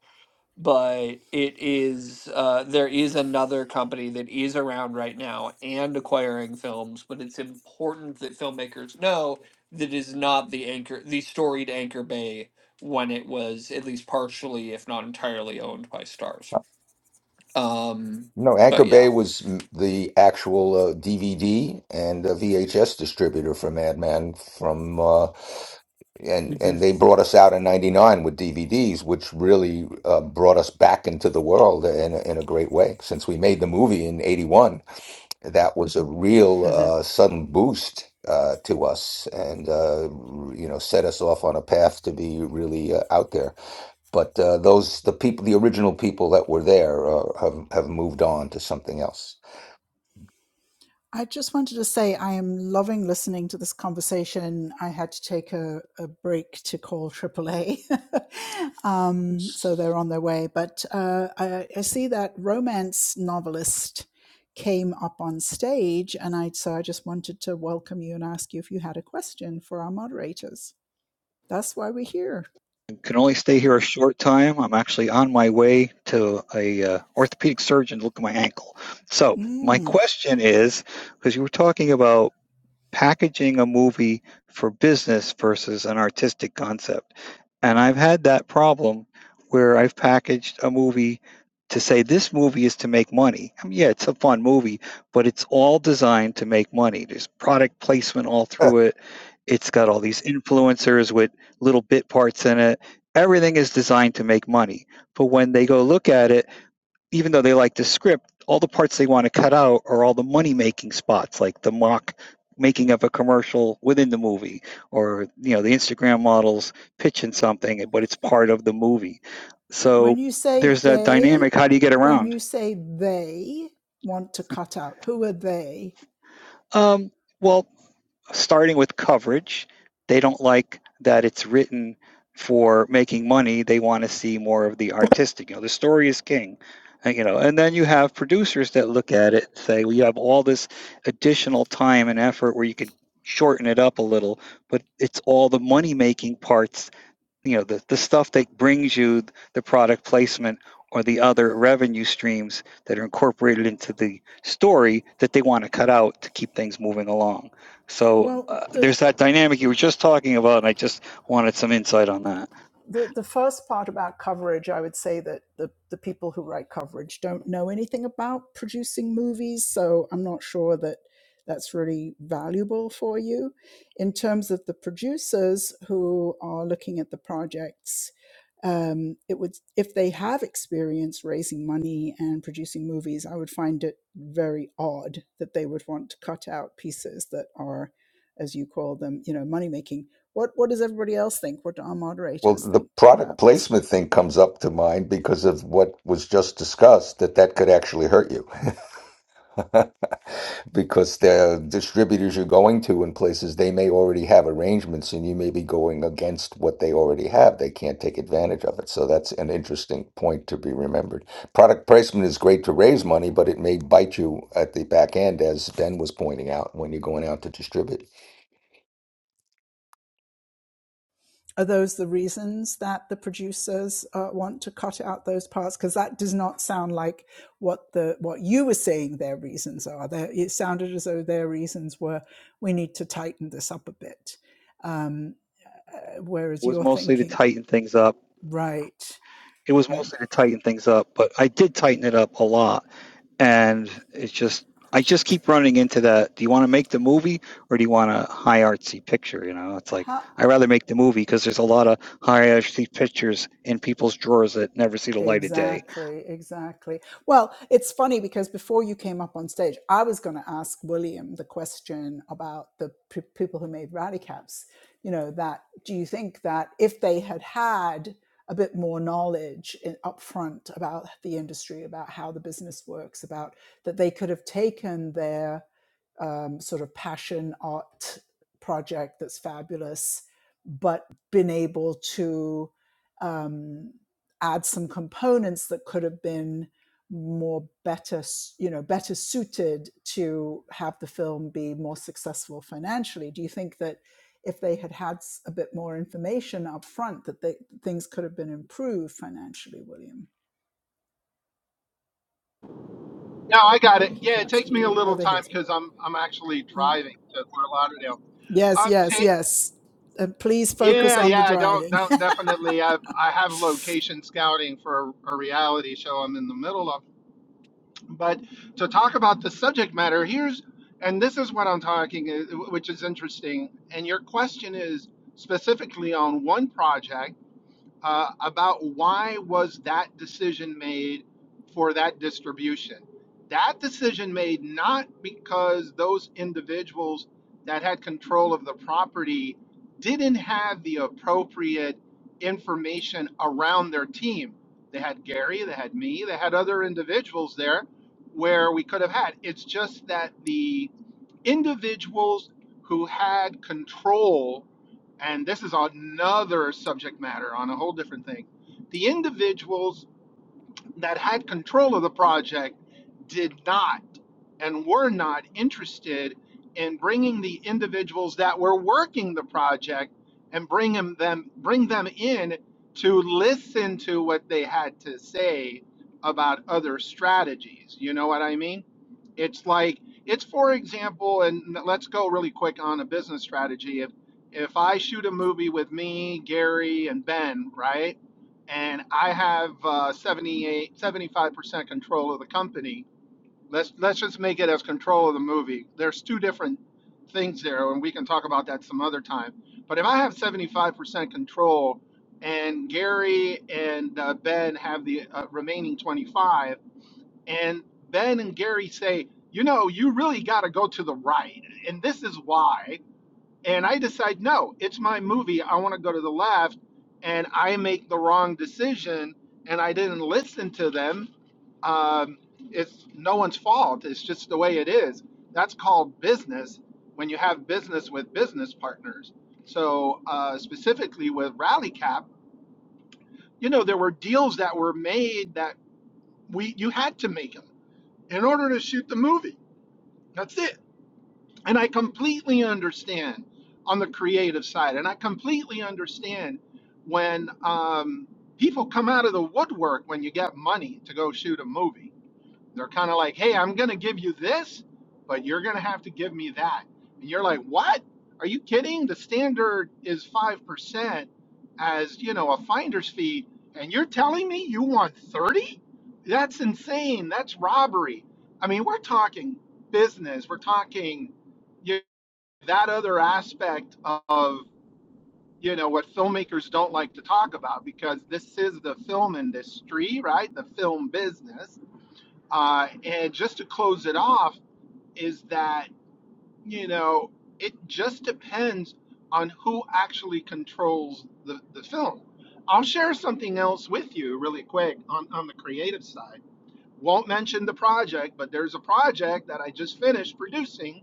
E: but it is uh, there is another company that is around right now and acquiring films but it's important that filmmakers know that is not the anchor the storied anchor bay when it was at least partially if not entirely owned by stars um
G: no, Anchor
E: but yeah
G: Bay was mm, the actual uh, DVD and uh, VHS distributor for Madman from, uh, and and
E: Mhm,
G: they brought us out in '99 with DVDs, which really uh, brought us back into the world in a, in a great way since we made the movie in '81 that was a real
E: mhm.
G: uh, sudden boost uh, to us and uh, you know set us off on a path to be really uh, out there but uh, those the people the original people that were there uh, have, have moved on to something else
H: I can only stay here a short time. I'm actually on my way to a uh, orthopedic surgeon to look at my ankle. So my question is, because you were talking about packaging a movie for business versus an artistic concept. And I've had that problem where I've packaged a movie to say this movie is to make money. I mean, yeah, it's a fun movie, but it's all designed to make money. There's product placement all
G: Huh.
H: through it. It's got all these influencers with little bit parts in it. Everything is designed to make money. But when they go look at it, even though they like the script, all the parts they want to cut out are all the money making spots, like the mock making of a commercial within the movie, or you know the Instagram models pitching something, but it's part of the movie. So there's that dynamic. How do you get around? Um, well, starting with coverage. They don't like that it's written for making money. They want to see more of the artistic. You know, the story is king. And, you know, and then you have producers that look at it and say, well, you have all this additional time and effort where you could shorten it up a little, but it's all the money making parts you know the, the stuff that brings you the product placement or the other revenue streams that are incorporated into the story that they want to cut out to keep things moving along so uh, there's that dynamic you were just talking about and i just wanted some insight on that
G: well the product placement thing comes up to mind because of what was just discussed that that could actually hurt you (laughs) because the distributors you're going to in places they may already have arrangements and you may be going against what they already have they can't take advantage of it so that's an interesting point to be remembered product placement is great to raise money but it may bite you at the back end as ben was pointing out when you're going out to distribute
H: It was mostly to tighten things up It was mostly to tighten things up, but I did tighten it up a lot. And it's just, I just keep running into that. Do you want to make the movie or do you want a high artsy picture? You know, it's like, I'd rather make the movie because there's a lot of high artsy pictures in people's drawers that never see the light of day.
F: No, I got it. Yeah, it takes me a little time because I'm I'm actually driving to Fort Lauderdale. I'm ta- yeah, yeah. I don't don't definitely. I I have location scouting for a, a reality show I'm in the middle of. But to talk about the subject matter, here's and this is what I'm talking, uh, which is interesting. And your question is specifically on one project uh, about why was that decision made for that distribution. That decision made not because those individuals that had control of the property didn't have the appropriate information around their team. They had Gary, they had me, they had other individuals there where we could have had. It's just that the individuals who had control and this is another subject matter on a whole different thing. The individuals that had control of the project did not and were not interested in bringing the individuals that were working the project and bring 'em- them bring them in to listen to what they had to say about other strategies. You know what I mean? It's like it's for example, and let's go really quick on a business strategy. If if I shoot a movie with me, Gary, and Ben, right, and I have uh, 78, seventy-five percent control of the company. Let's let's just make it as control of the movie. There's two different things there, and we can talk about that some other time. But if I have 75 percent control, and Gary and uh, Ben have the uh, remaining 25 and Ben and Gary say, you know, you really got to go to the right. And this is why. And I decide, no, it's my movie. I want to go to the left. And I make the wrong decision. And I didn't listen to them. Um, it's no one's fault. It's just the way it is. That's called business when you have business with business partners. So, uh, specifically with RallyCap, you know, there were deals that were made that we you had to make them in order to shoot the movie That's it. And I completely understand on the creative side. And I completely understand when um, people come out of the woodwork when you get money to go shoot a movie. They're kind of like, hey, I'm going to give you this, but you're going to have to give me that. And you're like, what? Are you kidding? The standard is 5% as, you know, a finder's fee. And you're telling me you want 30? That's insane. That's robbery. I mean, we're talking business. We're talking you know, that other aspect of, you know, what filmmakers don't like to talk about because this is the film industry, right? The film business uh, and just to close it off, is that, you know, it just depends on who actually controls the, the film. I'll share something else with you really quick on, on the creative side. Won't mention the project, but there's a project that I just finished producing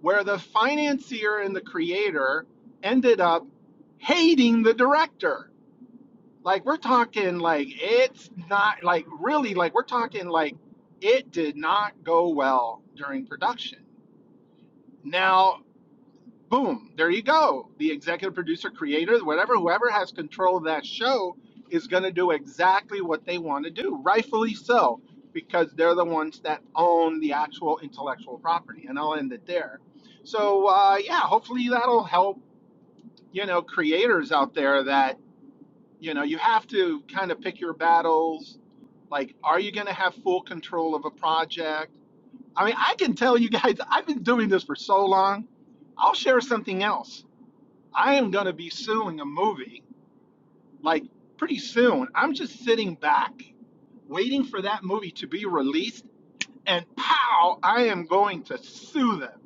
F: where the financier and the creator ended up hating the director like we're talking like it's not like really like we're talking like it did not go well during production. Now, boom, there you go. The executive producer, creator, whatever, whoever has control of that show is going to do exactly what they want to do, rightfully so, because they're the ones that own the actual intellectual property. And I'll end it there. So, uh, yeah, hopefully that'll help, you know, creators out there that, you know, you have to kind of pick your battles Like, are you going to have full control of a project? I mean, I can tell you guys, I've been doing this for so long. I'll share something else. I am going to be suing a movie like pretty soon. I'm just sitting back waiting for that movie to be released, and pow, I am going to sue them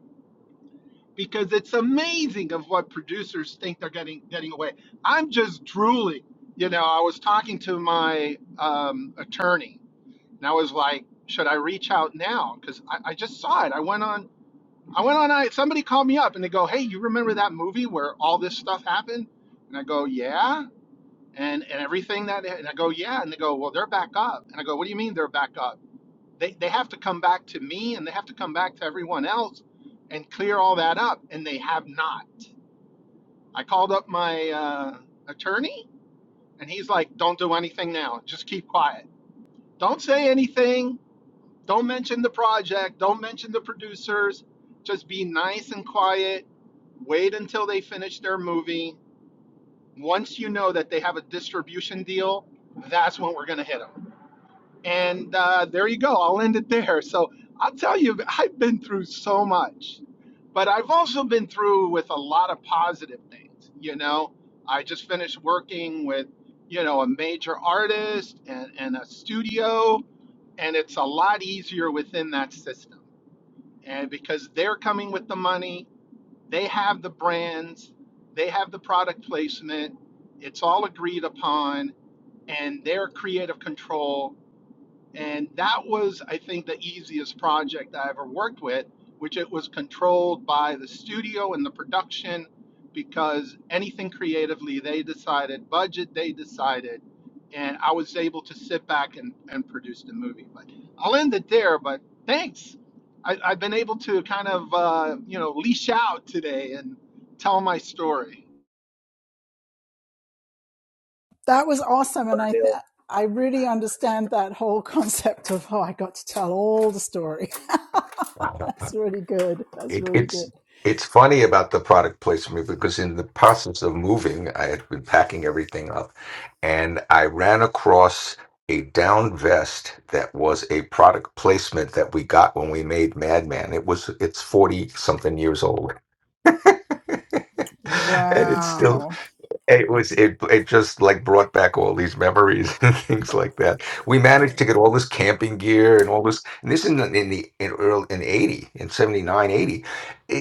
F: because it's amazing of what producers think they're getting getting away. I'm just drooling. You know, I was talking to my um, attorney And I was like, should I reach out now? Because I, I just saw it. I went on, I went on, I, somebody called me up and they go, hey, you remember that movie where all this stuff happened? And I go, yeah. And, and everything that, and I go, yeah. And they go, well, they're back up. And I go, what do you mean they're back up? They, they have to come back to me and they have to come back to everyone else and clear all that up. And they have not. I called up my uh, attorney and he's like, don't do anything now. Just keep quiet. Don't say anything Don't mention the project. Don't mention the producers. Just be nice and quiet. Wait until they finish their movie. Once you know that they have a distribution deal, that's when we're going to hit them. And uh, there you go. I'll end it there. So I'll tell you, I've been through so much, but I've also been through with a lot of positive things. You know, I just finished working with, you know, a major artist and, and a studio, and it's a lot easier within that system and because they're coming with the money, they have the brands, they have the product placement, it's all agreed upon, and their creative control and that was, I think, the easiest project I ever worked with, which it was controlled by the studio and the production because anything creatively, they decided, budget, they decided. And I was able to sit back and, and produce the movie. But I'll end it there. But thanks. I, I've been able to kind of, uh, you know, leash out today and tell my story.
H: Lauderdale
G: (laughs) It, it's it's funny about the product placement because in the process of moving, I had been packing everything up, and I ran across a down vest that was a product placement that we got when we made Madman. It was it's forty something years old, (laughs) and it's still it was it it just like brought back all these memories (laughs) and things like that. We managed to get all this camping gear and all this and this in the in the in early in 80 in 79 80.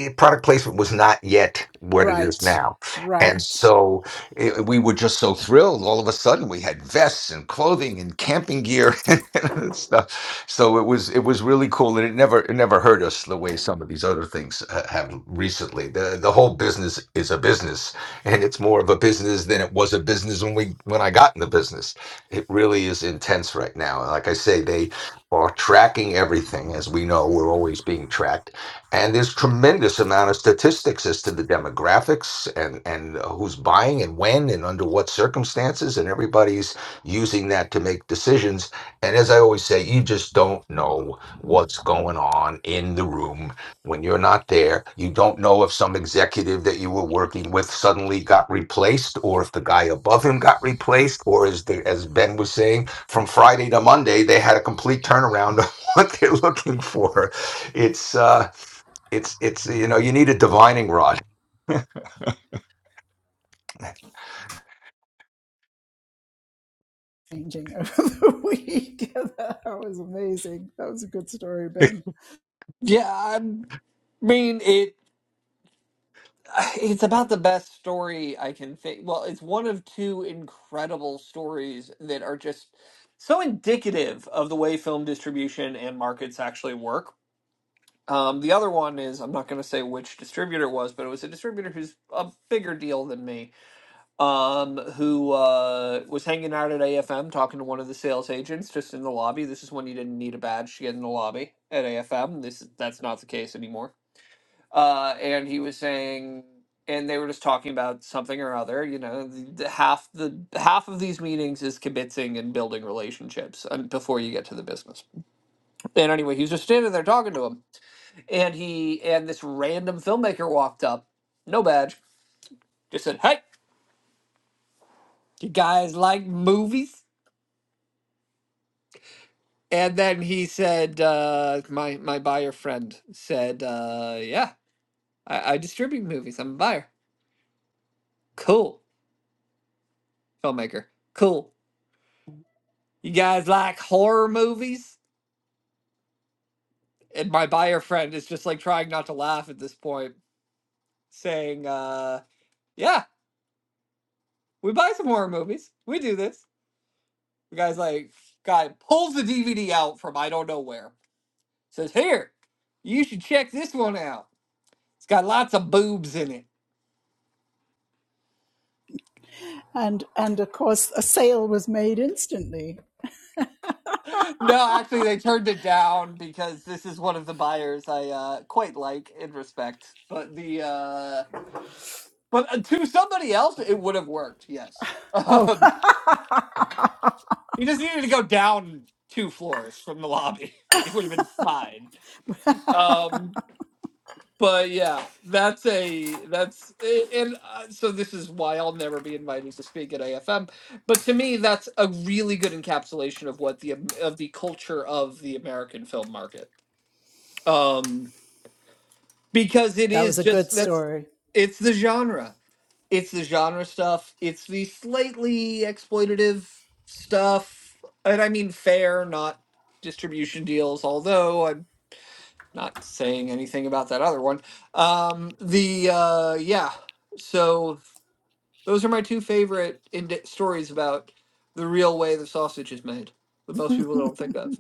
G: eh, product placement was not yet what it is now. And so it, we were just so thrilled all of a sudden we had vests and clothing and camping gear (laughs) and stuff. So it was it was really cool and it never it never hurt us the way some of these other things uh, have recently. The the whole business is a business and it's more of a business than it was a business when we when I got in the business. It really is intense right now. Like I say, they are tracking everything. As we know, we're always being tracked, and there's tremendous amount of statistics as to the demographics and and who's buying and when and under what circumstances, and everybody's using that to make decisions. And as I always say, you just don't know what's going on in the room when you're not there, you don't know if some executive that you were working with suddenly got replaced, or if the guy above him got replaced, or as they, as Ben was saying, from Friday to Monday they had a complete turnaround of (laughs) what they're looking for. It's uh, it's it's you know you need a divining rod.
E: yeah i mean it It's about the best story I can think. Well, it's one of two incredible stories that are just so indicative of the way film distribution and markets actually work. Um, the other one is I'm not going to say which distributor it was, but it was a distributor who's a bigger deal than me, um, who uh, was hanging out at AFM talking to one of the sales agents just in the lobby. This is when you didn't need a badge to get in the lobby at AFM. This that's not the case anymore uh, and he was saying, and they were just talking about something or other. You know, the, the half the half of these meetings is kibitzing and building relationships um, before you get to the business. And anyway, he was just standing there talking to him, and he and this random filmmaker walked up, no badge, just said, "Hey, you guys like movies?" And then he said, uh, "My my buyer friend said, uh, yeah, I, I distribute movies. I'm a buyer. Cool filmmaker. Cool You guys like horror movies? And my buyer friend is just like trying not to laugh at this point, saying, uh, yeah, we buy some horror movies. We do this. The guy's like, guy pulls the DVD out from I don't know where. Says, here, you should check this one out. It's got lots of boobs in it. (laughs) No, actually, they turned it down because this is one of the buyers I uh, quite like and respect. But the uh, but uh, to somebody else, it would have worked. Yes. (laughs) He just needed to go down two floors from the lobby. (laughs) he would have been fine. Um, but yeah, that's a that's and uh, so this is why I'll never be invited to speak at AFM. But to me, that's a really good encapsulation of what the um, of the culture of the American film market. Um, because it is just that's it's the genre it's the genre stuff it's the slightly exploitative stuff and i mean fair not distribution deals although i'm not saying anything about that other one um the uh yeah so those are my two favorite ind- stories about the real way the sausage is made that most people don't think of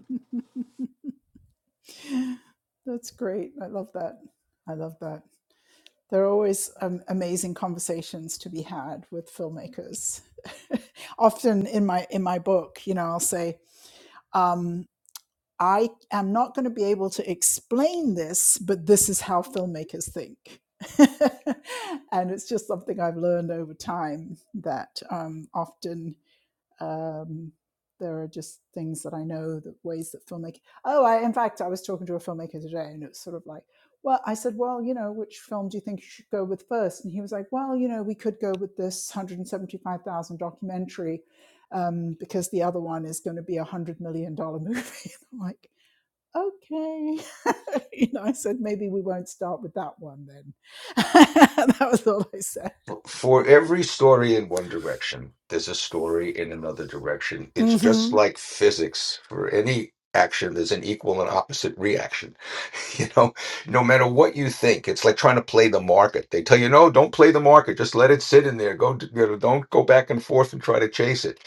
G: So for every story in one direction, there's a story in another direction. It's just like physics. For any action, there's an equal and opposite reaction. (laughs) You know, no matter what you think, it's like trying to play the market. They tell you, no, don't play the market. Just let it sit in there. Go, d- you know, don't go back and forth and try to chase it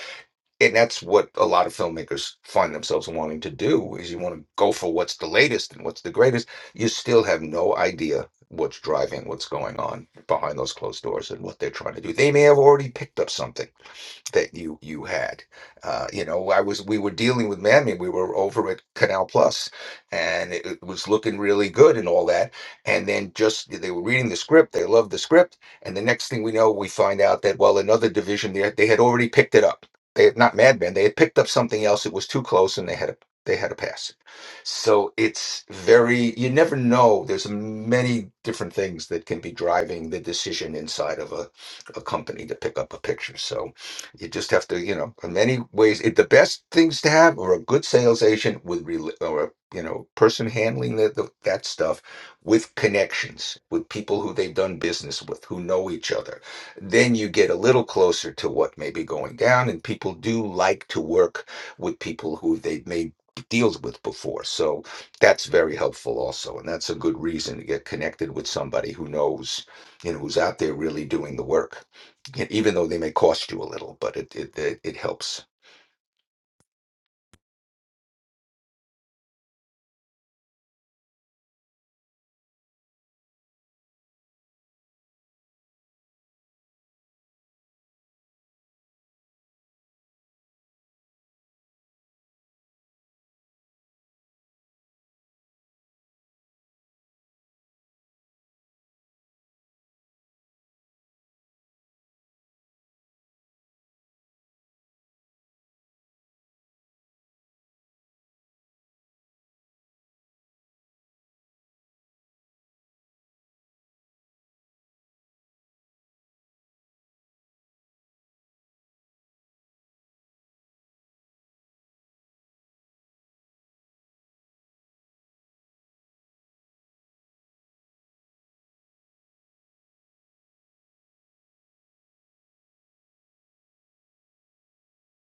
G: and that's what a lot of filmmakers find themselves wanting to do is you want to go for what's the latest and what's the greatest you still have no idea what's driving what's going on behind those closed doors and what they're trying to do they may have already picked up something that you you had. Uh, you know, I was we were dealing with Mammy. We were over at Canal Plus, and it, it was looking really good and all that. And then just they were reading the script. They loved the script. And the next thing we know, we find out that well, another division they had- they had already picked it up. They had not Mad Men. They had picked up something else. It was too close, and they had a they had to pass it. So it's very you never know. There's many different things that can be driving the decision inside of a a company to pick up a picture. So you just have to, you know, in many ways, it, the best things to have are a good sales agent with, rel or a, you know, person handling the, the, that stuff with connections, with people who they've done business with, who know each other. Then you get a little closer to what may be going down, and people do like to work with people who they've made deals with before. So that's very helpful also. And that's a good reason to get connected with somebody who knows, you know, who's out there really doing the work and even though they may cost you a little, but it it it, it helps.